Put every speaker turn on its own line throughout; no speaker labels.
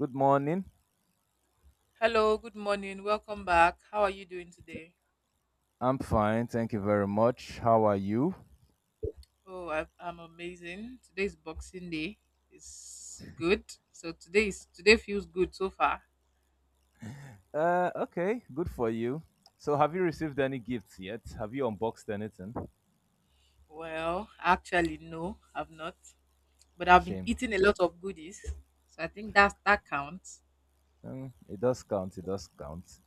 Good morning.
Hello, good morning. Welcome back. How are you doing today?
I'm fine. Thank you very much. How are you?
Oh, I'm amazing. Today is Boxing Day. It's good. So today feels good so far.
Okay. Good for you. So, have you received any gifts yet? Have you unboxed anything?
Well, actually, no, I've not, but I've been
Shame.
eating a lot of goodies, so I think that counts.
Mm, it does count. It does count.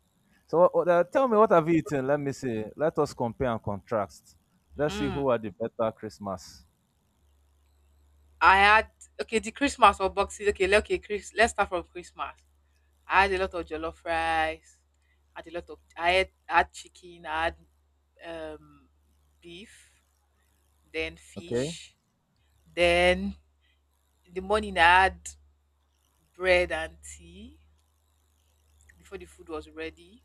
So, tell me what have you eaten? Let me see. Let us compare and contrast. Let's see who
Hmm.
had the better Christmas.
I had okay, the Christmas or Boxing. Okay, okay, Chris. Let's start from Christmas. I had a lot of jollof rice. I had a lot of I had chicken. I had um, beef, then
Okay.
fish. Then in the morning, I had bread and tea before the food was ready.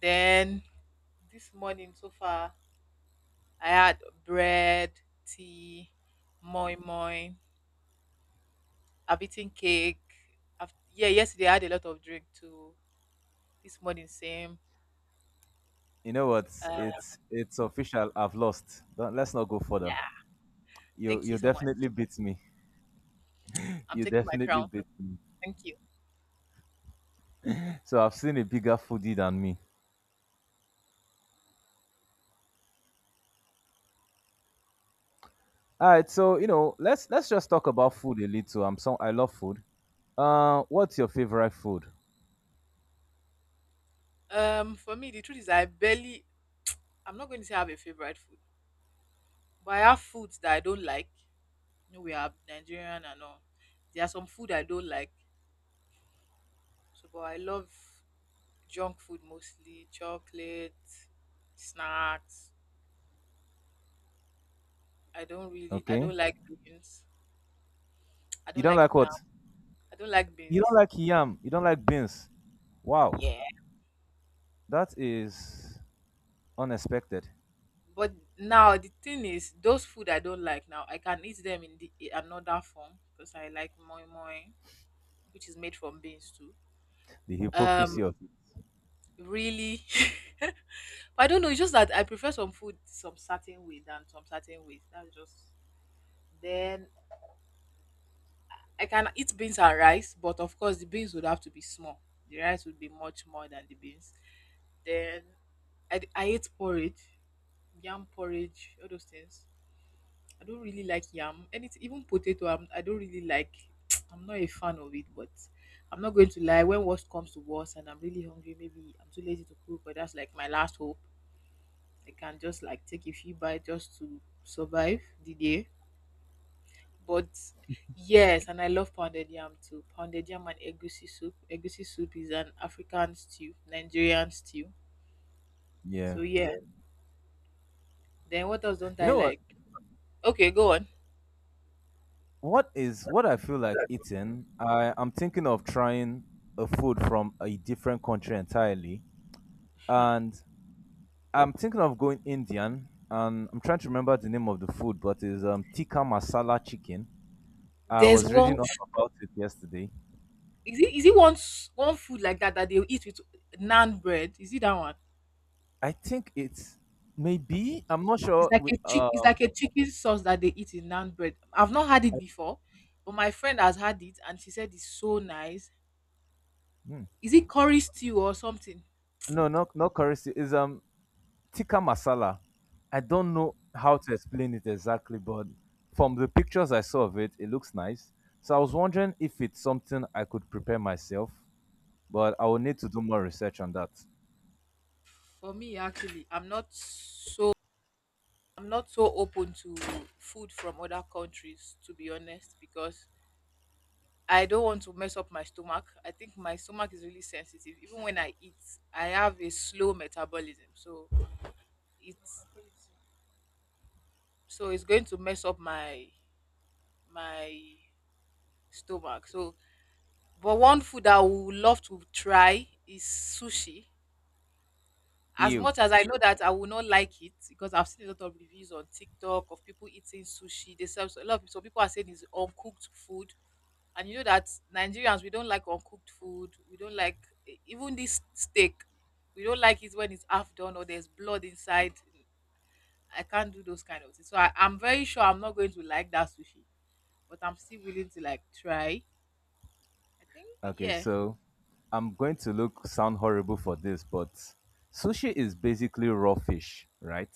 Then this morning so far, I had bread, tea, moi moi. I've eaten cake. Yeah, yesterday I had a lot of drink too. This morning, same.
You know what?
Uh,
It's official. I've lost. Don't, let's not go further.
yeah,
You
thank
you
you so much.
definitely beat me.
I'm
You
taking my
definitely
crown.
beat me.
Thank you.
So I've seen a bigger foodie than me. All right, so you know, let's just talk about food a little. I love food. What's your favorite food?
For me, the truth is, I barely. I'm not going to say I have a favorite food, but I have foods that I don't like. You know, we are Nigerian and all. There are some food I don't like. So, but I love junk food mostly, chocolate, snacks. I
Okay,
don't like beans. I
you
don't
don't
like
like what?
yam. I don't like
You don't
beans.
like yam. You don't like beans. Wow,
Yeah.
that is unexpected.
But now the thing is, those food I don't like now, I can eat them in the in another form because I like moi moi, which is made from beans too.
The hypocrisy
Um,
of it.
really, I don't know. It's just that I prefer some food some certain way than some certain ways. That's just. Then I can eat beans and rice, but of course the beans would have to be small. The rice would be much more than the beans. Then I ate porridge, yam porridge, all those things. I don't really like yam. Anything, even potato, I don't really like. I'm not a fan of it, but I'm not going to lie. When worst comes to worst and I'm really hungry, maybe I'm too lazy to cook, or that's like my last hope. I can just like take a few bites just to survive the day. But yes, and I love pounded yam too. Pounded yam and egusi soup. Egusi soup is an African stew, Nigerian stew.
Yeah.
So yeah. Then what else don't
You
I
know what?
like? Okay, go on.
What is what I feel like eating? I am thinking of trying a food from a different country entirely,
Hmm.
and I'm thinking of going Indian. And I'm trying to remember the name of the food, but it's tikka masala chicken. I
There's
was reading
one.
up about it yesterday.
Is it one one food like that that they will eat with naan bread? Is it that one?
I think it's maybe I'm not
It's
sure
like
with
a Chicken sauce that they eat in naan bread. I've not had it before, but my friend has had it and she said it's so nice.
hmm,
Is it curry stew or something?
no no, not currency is tikka masala. I don't know how to explain it exactly, but from the pictures I saw of it, it looks nice. So I was wondering if it's something I could prepare myself, but I will need to do more research on that.
For me, actually, I'm not so open to food from other countries, to be honest, because I don't want to mess up my stomach. I think my stomach is really sensitive. Even when I eat, I have a slow metabolism, it's so it's going to mess up my stomach. So, but one food that I would love to try is sushi. As
Ew.
much as I know that I will not like it because I've seen a lot of reviews on TikTok of people eating sushi. They serve a lot of so people are saying it's uncooked food. And you know that Nigerians we don't like uncooked food. We don't like even this steak. We don't like it when it's half done or there's blood inside. I can't do those kind of things. So I'm very sure I'm not going to like that sushi. But I'm still willing to like try. I think
Okay,
yeah.
so I'm going to look sound horrible for this, but sushi is basically raw fish, right?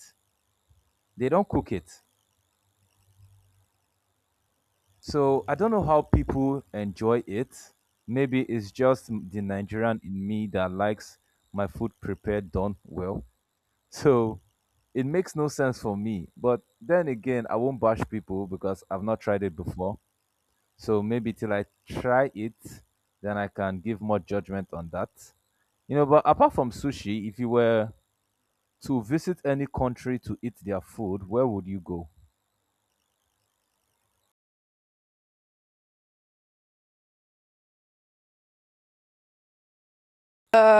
They don't cook it. So I don't know how people enjoy it. Maybe it's just the Nigerian in me that likes my food prepared done well. So it makes no sense for me. But then again, I won't bash people because I've not tried it before. So maybe till I try it, then I can give more judgment on that. You know, but apart from sushi, if you were to visit any country to eat their food, where would you go?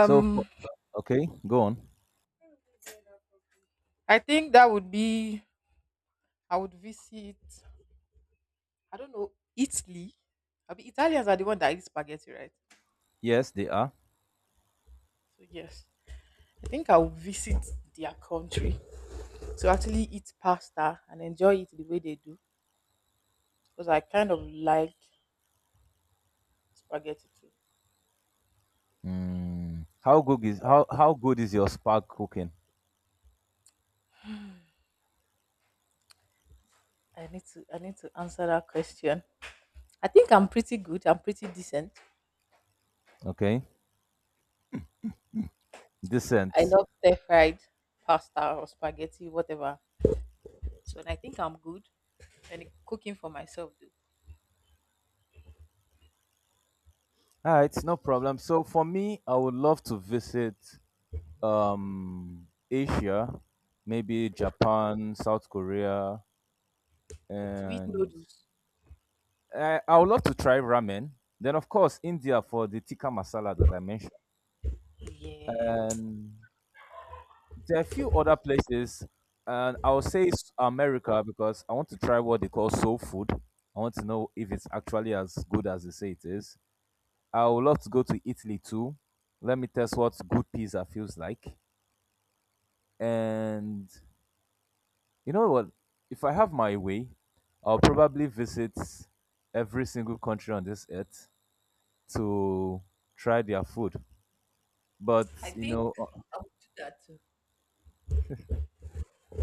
So, for, okay, go on.
I think that would be. I would visit, I don't know, Italy. I mean, Italians are the one that eat spaghetti, right?
Yes, they are.
So yes, I think I'll visit their country to actually eat pasta and enjoy it the way they do because I kind of like spaghetti too.
How good is your spark cooking?
I need to answer that question. I think I'm pretty good. I'm pretty decent.
Okay,
I
decent.
love stir fried pasta or spaghetti, whatever. So and I think I'm good. And cooking for myself though.
All right, no problem. So for me, I would love to visit Asia, maybe Japan, South Korea,
To eat
and
noodles.
I would love to try ramen. Then of course India for the tikka masala that I mentioned,
Yeah.
and there are a few other places, and I'll say it's America because I want to try what they call soul food. I want to know if it's actually as good as they say it is. I would love to go to Italy too. Let me test what good pizza feels like. And you know what? If I have my way, I'll probably visit every single country on this earth to try their food. But
I
you
think
know,
I would do that too.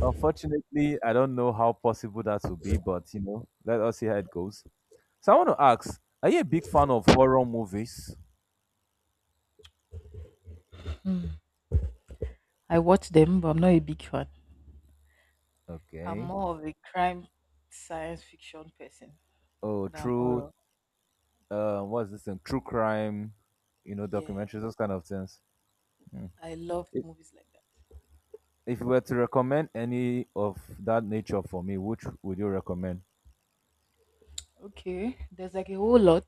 unfortunately, I don't know how possible that will be. But you know, let us see how it goes. So I want to ask, are you a big fan of horror movies?
Hmm. I watch them, but I'm not a big fan. I'm
Okay.
more of a crime, science fiction person
Oh,
than
true.
horror.
What's this thing? True crime,
Yeah,
documentaries, those kind of things.
I love
If
movies like that.
if you were to recommend any of that nature for me, which would you recommend?
Okay, there's like a whole lot,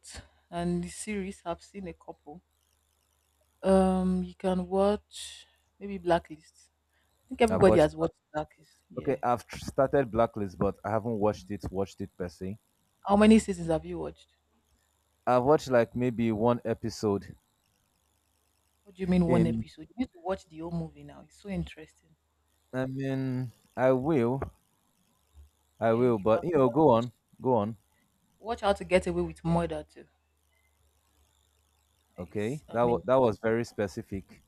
and the series I've seen a couple. You can watch maybe Blacklist. I think
I've
everybody
watched.
has watched Blacklist. Yeah.
Okay, I've started Blacklist, but I haven't watched it. Watched it per se.
How many seasons have you watched?
I've watched like maybe one episode.
What do you mean one
In,
episode? You need to watch the whole movie now. It's so interesting.
I mean, I will, I
Then
will,
you
but
can
you know, go on, go on.
watch How to Get Away with Murder too.
Okay,
It's
that
amazing.
that was very specific.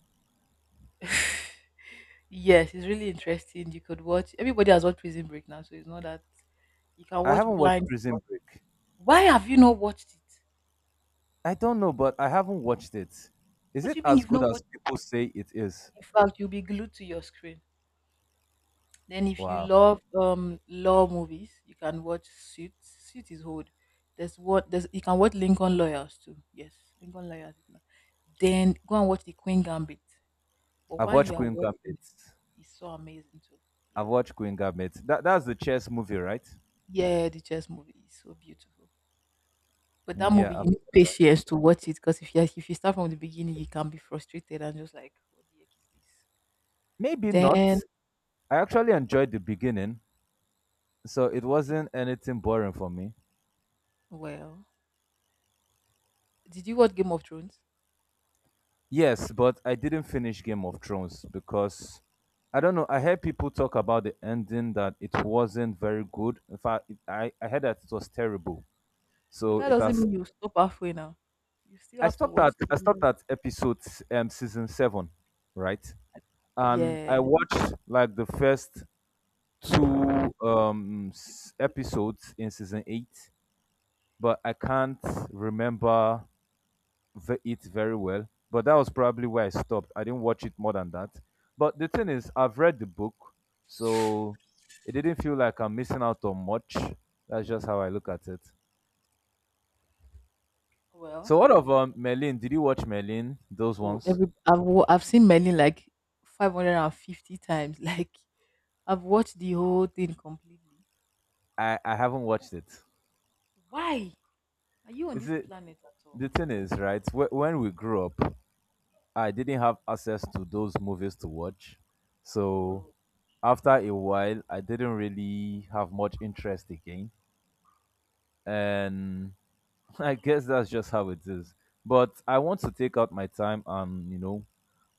Yes, it's really interesting. You could watch. Everybody has watched Prison Break now, so it's not that you can
I
watch
haven't watched
blind. But
Prison Break.
why have you not watched it?
I don't know, but I haven't watched it. Is
What
it
do you mean
as
you've
good
not
as
watched
people say it is?
it? In fact, you'll be glued to your screen. Then, if you
Wow.
love law movies, you can watch Suits. Suits is old. There's what there's you can watch Lincoln Lawyers too. Yes, Lincoln Lawyers is not. Then go and watch The Queen Gambit. But
I've
while
watched
you are
Queen
watching
Gambit.
it, it's so amazing too.
I've
Yeah,
watched Queen Gambit. That's the chess movie, right?
yeah, the chess movie is so beautiful. But that
Mm, yeah.
movie, you need patience to watch it because if you start from the beginning, you can be frustrated and just like, what the heck is this?
Maybe
Then,
not. I actually enjoyed the beginning, so it wasn't anything boring for me.
well, did you watch Game of Thrones?
Yes, but I didn't finish Game of Thrones because I don't know. I heard people talk about the ending that it wasn't very good. In fact, I heard that it was terrible.
But
So
that
it
doesn't
has
mean you stop halfway now. You still have to watch. The
I stopped
new-
at episode season 7, right? And I
Yeah.
watched like the first two episodes in season 8, but I can't remember it very well. But that was probably where I stopped. I didn't watch it more than that. But the thing is, I've read the book, so it didn't feel like I'm missing out on much. That's just how I look at it.
Well,
So, what of Merlin? Did you watch Merlin? Those ones?
every I've seen many like 550 times. Like I've watched the whole thing completely.
I haven't watched it.
Why are you on
You
this
see,
planet at all?
the thing is, right? When we grew up, I didn't have access to those movies to watch. So
Oh,
after a while, I didn't really have much interest again. And I guess that's just how it is. But I want to take out my time and,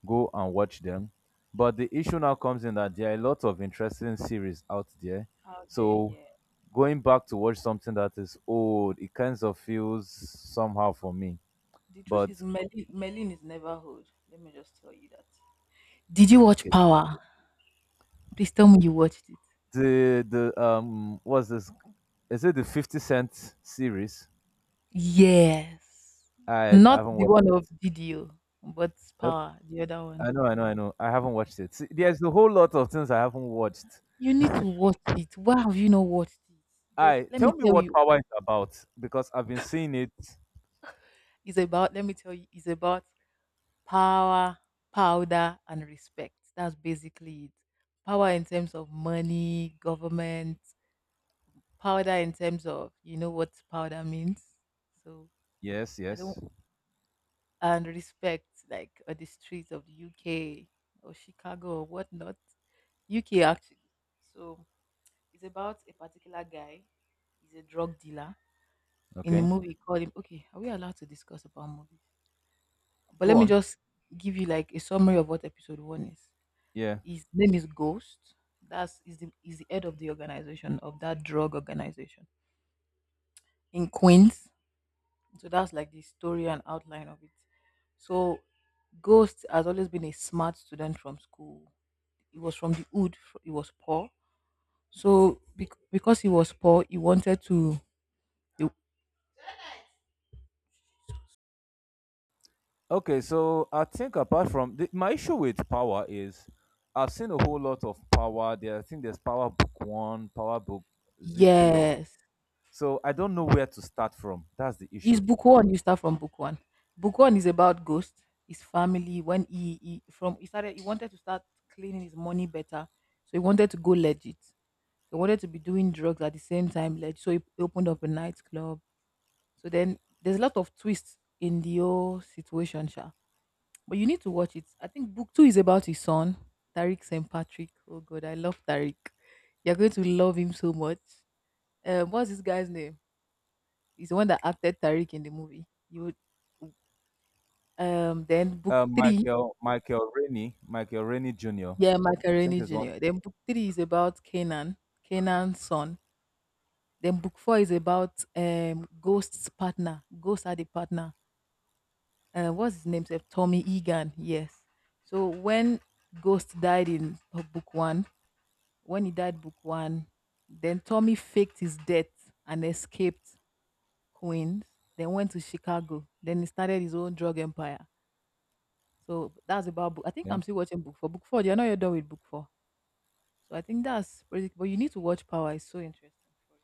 go and watch them. But the issue now comes in that there are a lot of interesting series out there.
out there,
So
yeah.
going back to watch something that is old, it kind of feels somehow for me.
The truth
But
is, Merlin is never old. Let me just tell you that. Did you watch
okay,
Power? Please tell me you watched it.
the what's this? Is it the 50 Cent series?
Yes.
I
Not
haven't
the
watched
one
it.
of Didio, but
Nope.
Power, the other one.
I know, I know, I know. I haven't watched it. See, there's a whole lot of things I haven't watched.
You need to watch it. Why have you not watched it? Yes,
I
let me
tell me
tell
what
you,
Power is about because I've been seeing it.
it's about, let me tell you, it's about power, powder, and respect. That's basically it. Power in terms of money, government, powder in terms of, you know what powder means. So
Yes,
I don't
yes.
and respect like on the streets of the UK or Chicago or whatnot. UK actually. So it's about a particular guy. He's a drug dealer. In the
Okay,
movie, call him. Okay, are we allowed to discuss about movies? But
go
let me
on.
just give you like a summary of what episode one is.
Yeah.
His name is Ghost. That's is the head of the organization of that drug organization in Queens. So that's like the story and outline of it. So Ghost has always been a smart student from school. He was from the hood. He was poor. So because he was poor, he wanted to. he-
Okay, so I think apart from my issue with Power is I've seen a whole lot of Power. There, I think there's Power Book One, Power Book is it three or
yes,
so I don't know where to start from. That's the
his
issue.
book one. You start from book one. Book one is about Ghost, his family. When he started, he wanted to start cleaning his money better. So he wanted to go legit. So he wanted to be doing drugs at the same time. Legit. So he opened up a nightclub. So then there's a lot of twists in the whole situation, Sha. But you need to watch it. I think book two is about his son, Tariq St. Patrick. Oh god, I love Tariq. You're going to love him so much. What's this guy's name? He's the one that acted Tariq in the movie. You would then book three,
Michael Rennie Jr.
yeah,
I think
Macaroni
is one.
Junior. Then book three is about Canaan, Canaan's son. Then book four is about Ghost's partner. Ghost had a partner, what's his name? Sef? Tommy Egan. Yes. So when Ghost died in book one, when he died book one, then Tommy faked his death and escaped Queens. Then went to Chicago. Then he started his own drug empire. So that's about book. I think I'm
Okay.
still watching book four. Book four. You're not yet done with book four. So I think that's pretty. But you need to watch Power. It's so interesting for you.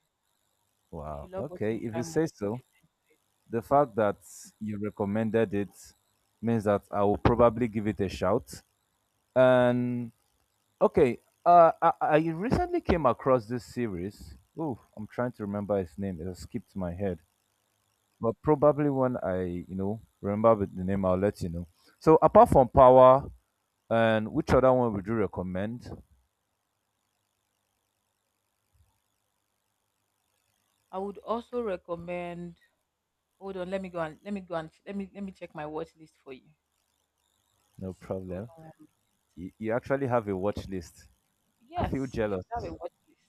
If you
Wow.
love
Okay.
watching
If you
crime movies,
say so,
you will enjoy it.
the fact that you recommended it means that I will probably give it a shout. And okay, I recently came across this series. Oh, I'm trying to remember its name. It has skipped my head. But probably when I, remember with the name, I'll let you know. So apart from Power, and which other one would you recommend?
I would also recommend. Hold on. Let me go and let me check my watch list for you.
No
Just hold
problem.
on one minute.
You actually have a watch list. I feel
Yes, you should
jealous.
have a watch list.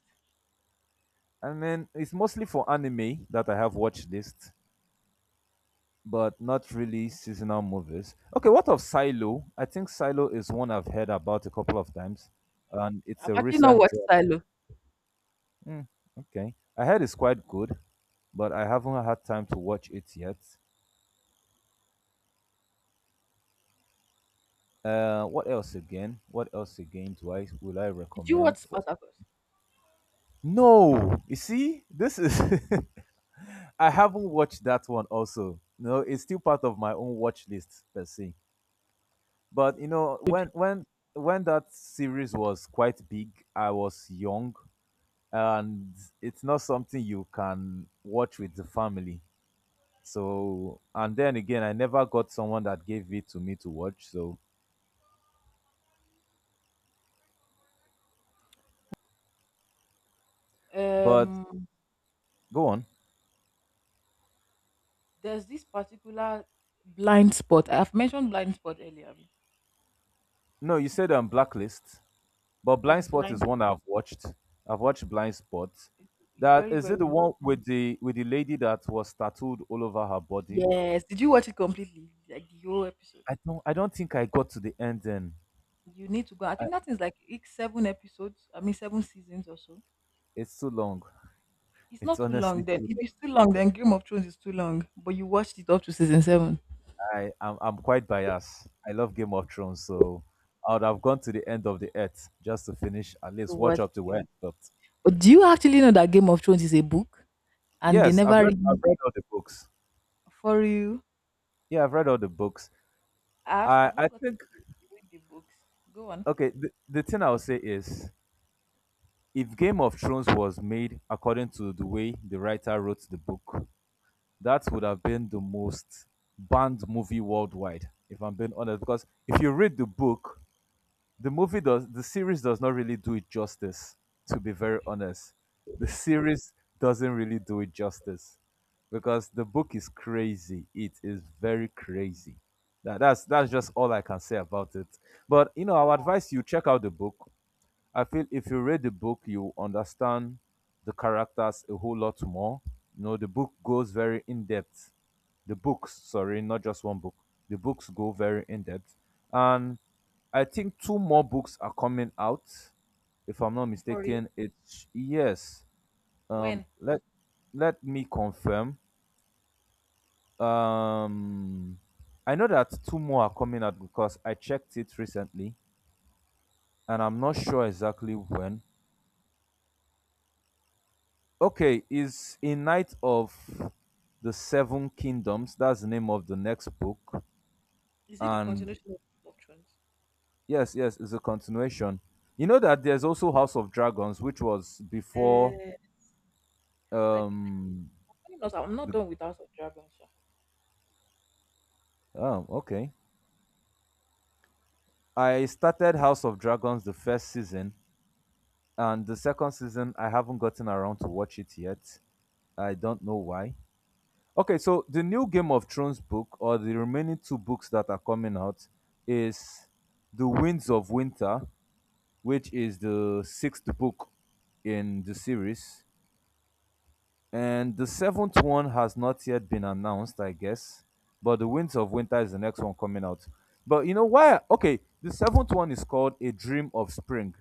And then it's mostly for anime that I have watch list, but not really seasonal movies. Okay, what of Silo? I think Silo is one I've heard about a couple of times, and it's
I've
a
actually not
recent
watched
drop.
Silo.
Mm, okay, I heard it's quite good, but I haven't had time to watch it yet. What else again? What else again do I
Did you
recommend
watch
for?
Spartacus?
No, you see, this is I haven't watched that one also. No, it's still part of my own watch list per se. But you know, when that series was quite big, I was young and it's not something you can watch with the family. So and then again I never got someone that gave it to me to watch. So but
Um,
go on.
there's this particular blind spot. I've mentioned blind spot earlier. Abi?
No, you said on blacklist. But
There's
Blind Spot is
blind.
one I've watched. I've watched Blind Spot.
It's
That
very
is it the
very.
one with the lady that was tattooed all over her body?
Yes. Did you watch it completely? Like the whole episode.
I don't think I got to the end then.
You need to go. I
I,
think that is like it's 7 episodes. I mean 7 seasons or so.
it's too long.
It's
It's
not too long
honestly
then.
too
If
long.
it's too long, then Game of Thrones is too long. But you watched it up to season seven.
I'm quite biased. I love Game of Thrones, so I would have gone to the end of the earth just to finish at
So
least watch
what?
up to where I stopped.
But do you actually know that Game of Thrones is a book, and they
Yes,
never
I've
really
read all the books.
for you?
Yeah, I've read all the books.
I've I've
I
not
think
gotten to read the books. Go on
okay, the thing I'll say is if Game of Thrones was made according to the way the writer wrote the book, that would have been the most banned movie worldwide, if I'm being honest. Because if you read the book, the series does not really do it justice, to be very honest. The series doesn't really do it justice. Because the book is crazy. It is very crazy. That's just all I can say about it. But you know, I would advise you check out the book, I feel if you read the book, you understand the characters a whole lot more. You know, the book goes very in depth. The books, sorry, not just one book. The books go very in depth. And I think two more books are coming out, if I'm not
for you.
mistaken. It's yes. Um
When
let let me confirm. Um I know that two more are coming out because I checked it recently and I'm not sure exactly when, okay, is A Knight of the Seven Kingdoms. That's the name of the next book.
Is it the
And
continuation of Game of Thrones?
yes, yes, it's a continuation. You know that there's also House of Dragons, which was before
uh, like
um
funny enough, I'm not
the
done with House of Dragons. Sha.
oh, okay. I started House of Dragons the first season, and the second season I haven't gotten around to watch it yet. I don't know why. Okay, so the new Game of Thrones book, or the remaining two books that are coming out, is The Winds of Winter, which is the sixth book in the series. And the seventh one has not yet been announced, I guess. But The Winds of Winter is the next one coming out. But you know why? Okay, the seventh one is called A Dream of Spring,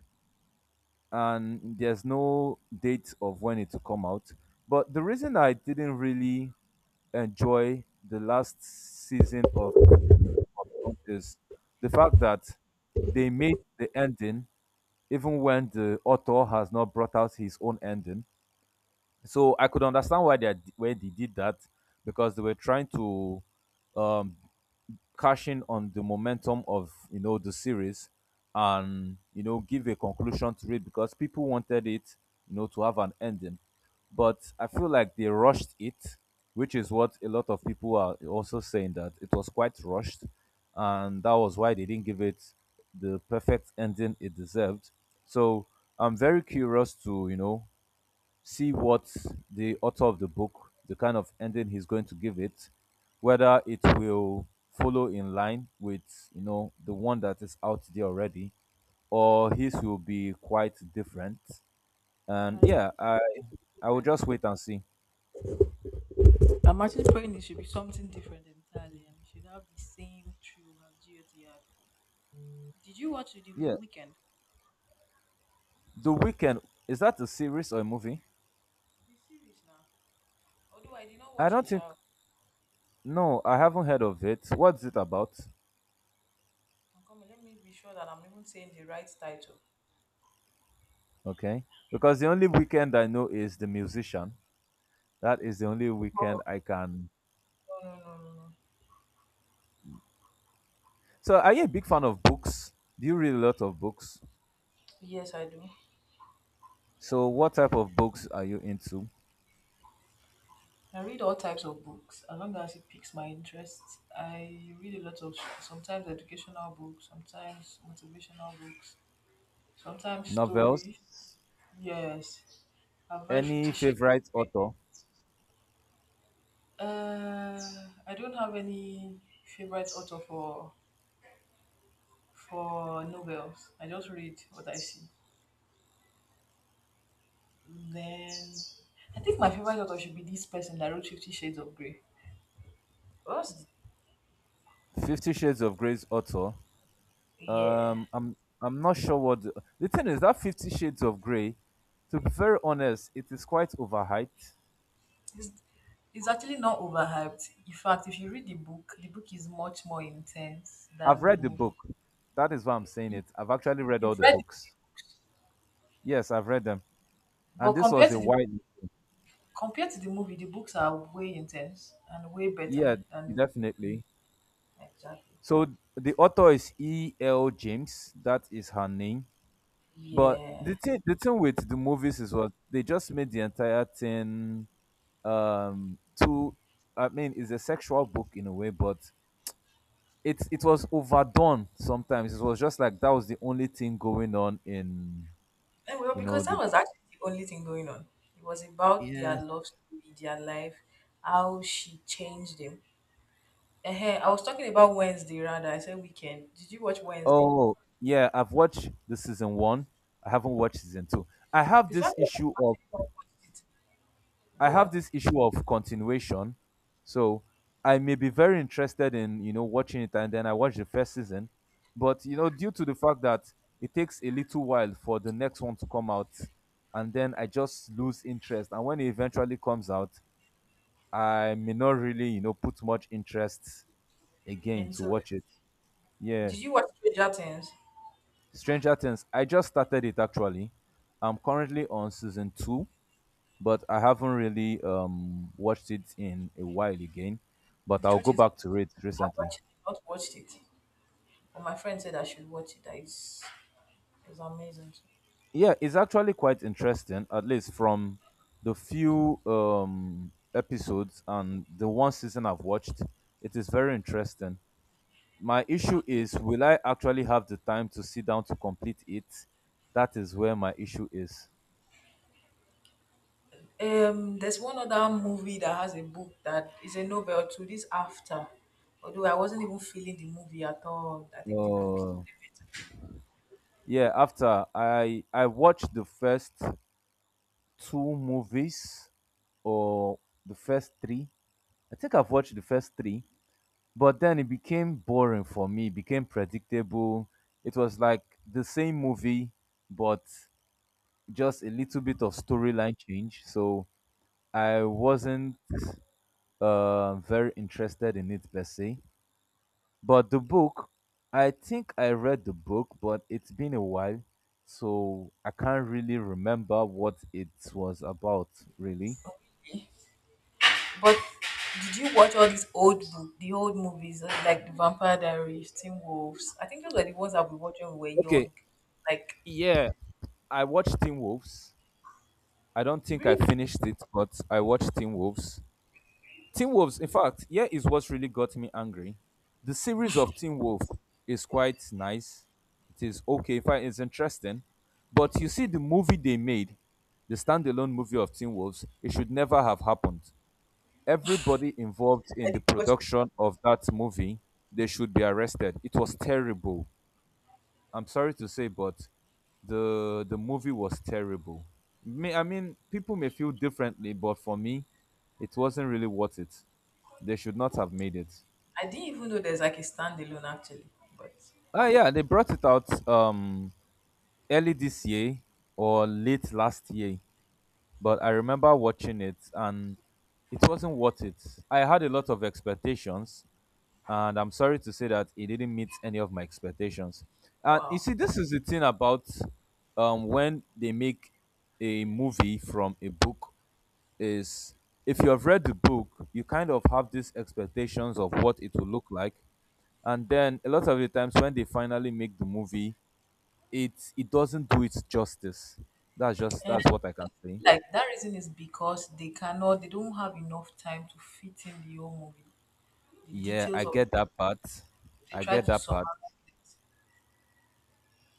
and there's no date of when it will come out. But the reason I didn't really enjoy the last season of the contest. The fact that they made the ending even when the author has not brought out his own ending. So I could understand why why they did that because they were trying to um, cashing on the momentum of the series and give a conclusion to it because people wanted it to have an ending, but I feel like they rushed it, which is what a lot of people are also saying, that it was quite rushed and that was why they didn't give it the perfect ending it deserved. So I'm very curious to, see what the author of the book, the kind of ending he's going to give it, whether it will follow in line with the one that is out there already, or his will be quite different.
I
And
wish
yeah,
it to be
I will
different.
just wait and see.
I'm actually praying it should be something different entirely and it should have the same thrill as GOT had. Did you watch The
Yeah,
Weekend?
The Weekend, is that a series or a movie?
The series now. Although I did not
I
watch it,
don't think.
child.
No, I haven't heard of it. What's it about?
I'm coming. Let me be sure that I'm even saying the right title.
Okay, because the only weekend I know is the musician. That is the only
Oh.
weekend I can.
No, no, no, no, no.
So, are you a big fan of books? Do you read a lot of books?
Yes, I do.
So, what type of books are you into?
I read all types of books as long as it piques my interest. I read a lot of sometimes educational books, sometimes motivational books, sometimes
Novels?
story. Yes, I've read
Any
Fifty Shades.
favorite author?
Uh, I don't have any favorite author for novels. I just read what I see. Then I think my favorite author should be this person that wrote Fifty Shades of Grey. What's the,
Fifty Shades of Grey's author?
yeah.
I'm not sure what the thing is that Fifty Shades of Grey. To be very honest, it is quite overhyped.
It's, it's actually not overhyped. In fact, if you read the book is much more intense
I've
than the
read the
movie.
book. That is why I'm saying it. I've actually read all
You've
the
read it,
books. Yes, I've read them,
but
and this was
compared
a
to the
wide.
compared to the movie, the books are way intense and way better
Yeah,
than the
definitely.
Exactly.
So the author is E. L. James. That is her name. But
Yeah.
the thing with the movies is what they just made the entire thing too. I mean, it's a sexual book in a way, but it was overdone. Sometimes it was just like that was the only thing going on in
And well, because that
the,
was actually the only thing going on. It was about
yeah.
their love story, their life, how she changed him. uh I was talking about Wednesday rather. I said weekend. Did you watch Wednesday?
Oh yeah, I've watched the season one. I haven't watched season two. I have
The
this
fact that
issue
I
of
actually not watched it,
I
go
have
on.
this issue of continuation. So I may be very interested in, you know, watching it and then I watch the first season. But, you know, due to the fact that it takes a little while for the next one to come out and then I just lose interest. And when it eventually comes out, I may not really, you know, put much interest again
And
to
so,
watch it. Yeah.
did you watch Stranger Things?
Stranger Things. I just started it actually. I'm currently on season two, but I haven't really watched it in a while again. But
The
I'll
truth
go
is,
back to it
I've
recently.
actually not watched it. But my friend said I should watch it. That is, it's amazing.
Yeah, it's actually quite interesting, at least from the few episodes and the one season I've watched. It is very interesting. My issue is, will I actually have the time to sit down to complete it? That is where my issue is.
There's one other movie that has a book that is a novel to this after. Although I wasn't even feeling the movie at all. I think the book is
Uh, yeah, after I watched the first two movies, or the first three, I think I've watched the first three, but then it became boring for me. It became predictable. It was like the same movie, but just a little bit of storyline change. So I wasn't very interested in it per se. But the book, I think I read the book, but it's been a while, so I can't really remember what it was about really.
better. But did you watch all these the old movies, like the Vampire Diaries, Teen Wolves? I think those were the ones that we watched when we were
Okay,
young. Like
yeah, I watched Teen Wolves. I don't think I
really,
finished it, but I watched Teen Wolves. Teen Wolves, in fact, here is what really got me angry. The series of Teen Wolf is quite nice. It is okay. In fact, it's interesting. But you see, the movie they made, the standalone movie of Teen Wolves, it should never have happened. Everybody involved
I
in the
didn't watch the sta-
production of that movie, they should be arrested. It was terrible. I'm sorry to say, but the movie was terrible. I mean, people may feel differently, but for me, it wasn't really worth it. They should not have made it.
I didn't even know there's like a standalone actually. But
Ah, yeah, they brought it out early this year or late last year, but I remember watching it and it wasn't worth it. I had a lot of expectations and I'm sorry to say that it didn't meet any of my expectations. And you
wow,
see, this is the thing about, when they make a movie from a book, is if you have read the book, you kind of have these expectations of what it will look like, and then a lot of the times when they finally make the movie, it doesn't do it justice.
and
That's what I can say.
like that reason is because they cannot, they don't have enough time to fit in the whole movie. The
Yeah,
details
I
of
get that part.
they
I
try
get
to
that part.
summarize it.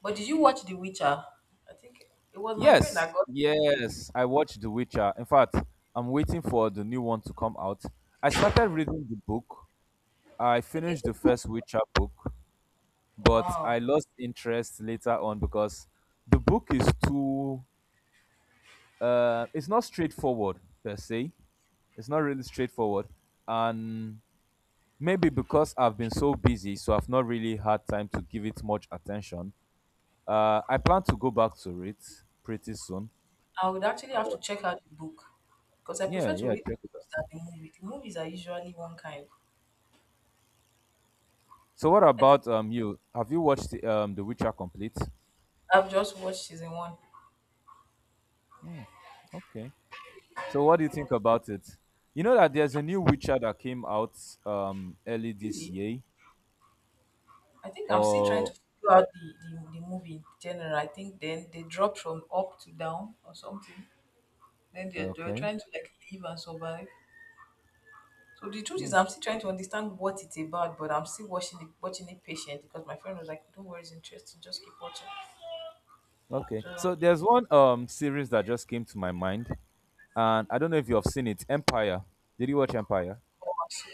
But did you watch The Witcher? I think it was my friend that
Yes,
got The Witcher.
yes, I watched The Witcher. In fact, I'm waiting for the new one to come out. I started reading the book. I
Okay,
finished the
so-
first Witcher book, but
wow.
I lost interest later on because the book is too it's not straightforward per se. It's not really straightforward. And maybe because I've been so busy, so I've not really had time to give it much attention. I plan to go back to it pretty soon.
I would actually have to
But
check out the book because I
yeah,
prefer to
yeah,
read
check it
books
out.
than the movie. The movies are usually one kind.
So what
I think
about you? Have you watched The Witcher complete?
I've just watched season one.
Hmm, okay. So what do you think about it? You know that there's a new Witcher that came out early this
Really?
year.
I think I'm still trying to
Or
figure out the movie in general. I think then they dropped from up to down or something. Then they were
okay.
trying to like live and survive. So the truth is
Hmm,
I'm still trying to understand what it's about, but I'm still watching it patient because my friend was like, don't worry, it's interesting, just keep watching.
okay.
So
So there's one series that just came to my mind, and I don't know if you have seen it. Empire. Did you watch Empire?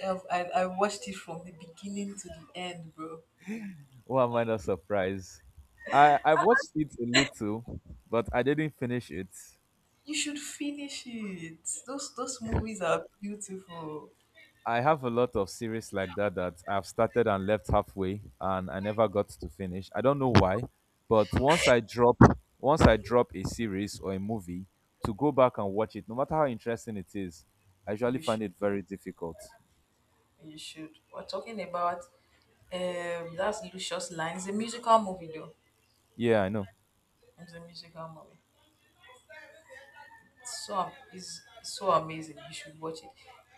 I watched it from the beginning to the end, bro.
Why am I not surprised? I've watched it a little, but I didn't finish it.
You should finish it. Those movies are beautiful.
I have a lot of series like that that I've started and left halfway and I never got to finish. I don't know why, but once I drop a series or a movie, to go back and watch it, no matter how interesting it is, I usually
You
find
should
it very difficult.
you should. We're talking about that's Lucius Line. It's a musical movie though.
Yeah, I know.
It's a musical movie. It's so amazing. You should watch it.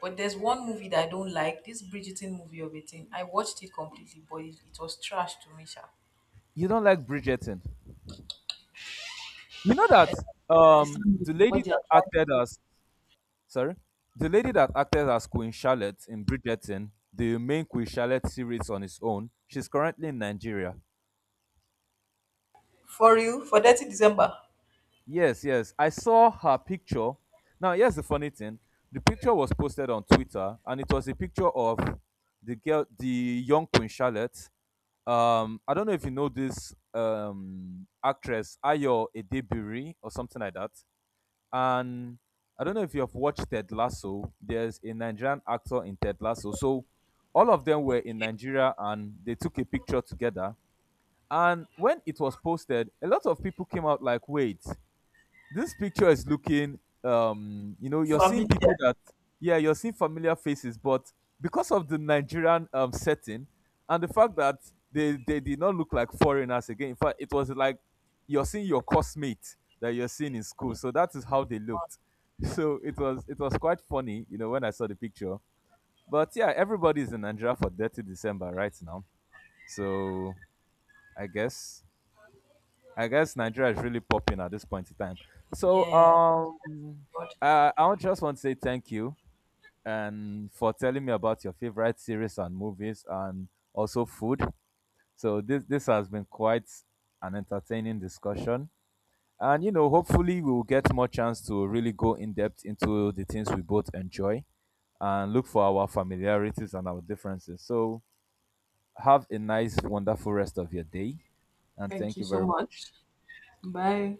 But there's one movie that I don't like. This Bridgerton movie of a thing. I watched it completely, but it was trash to me, sha.
You don't like Bridgerton. You know that
It's not
the lady
what they are
that
trying
acted
to do.
as, sorry, the lady that acted as Queen Charlotte in Bridgerton, the main Queen Charlotte series on its own, she's currently in Nigeria.
For real, for 30th December.
Yes, yes. I saw her picture. Now, here's the funny thing. The picture was posted on Twitter, and it was a picture of the girl, the young Queen Charlotte. I don't know if you know this actress, Ayo Edebiri, or something like that. And I don't know if you have watched Ted Lasso. There's a Nigerian actor in Ted Lasso. So all of them were in Nigeria, and they took a picture together. And when it was posted, a lot of people came out like, wait, this picture is looking, you know, you're seeing people
Familiar.
that, yeah, you're seeing familiar faces, but because of the Nigerian setting and the fact that they did not look like foreigners again, in fact it was like you're seeing your classmate that you're seeing in school, so that is how they looked. So it was, it was quite funny, you know, when I saw the picture. But yeah, everybody's in Nigeria for Dirty December right now, so i guess I guess Nigeria is really popping at this point in time. So
Yeah, God.
just want to say thank you and for telling me about your favorite series and movies and also food. So this has been quite an entertaining discussion. And you know, hopefully we will get more chance to really go in depth into the things we both enjoy and look for our familiarities and our differences. So have a nice, wonderful rest of your day, and
Thank
thank
you
you
so
very much.
much. Bye.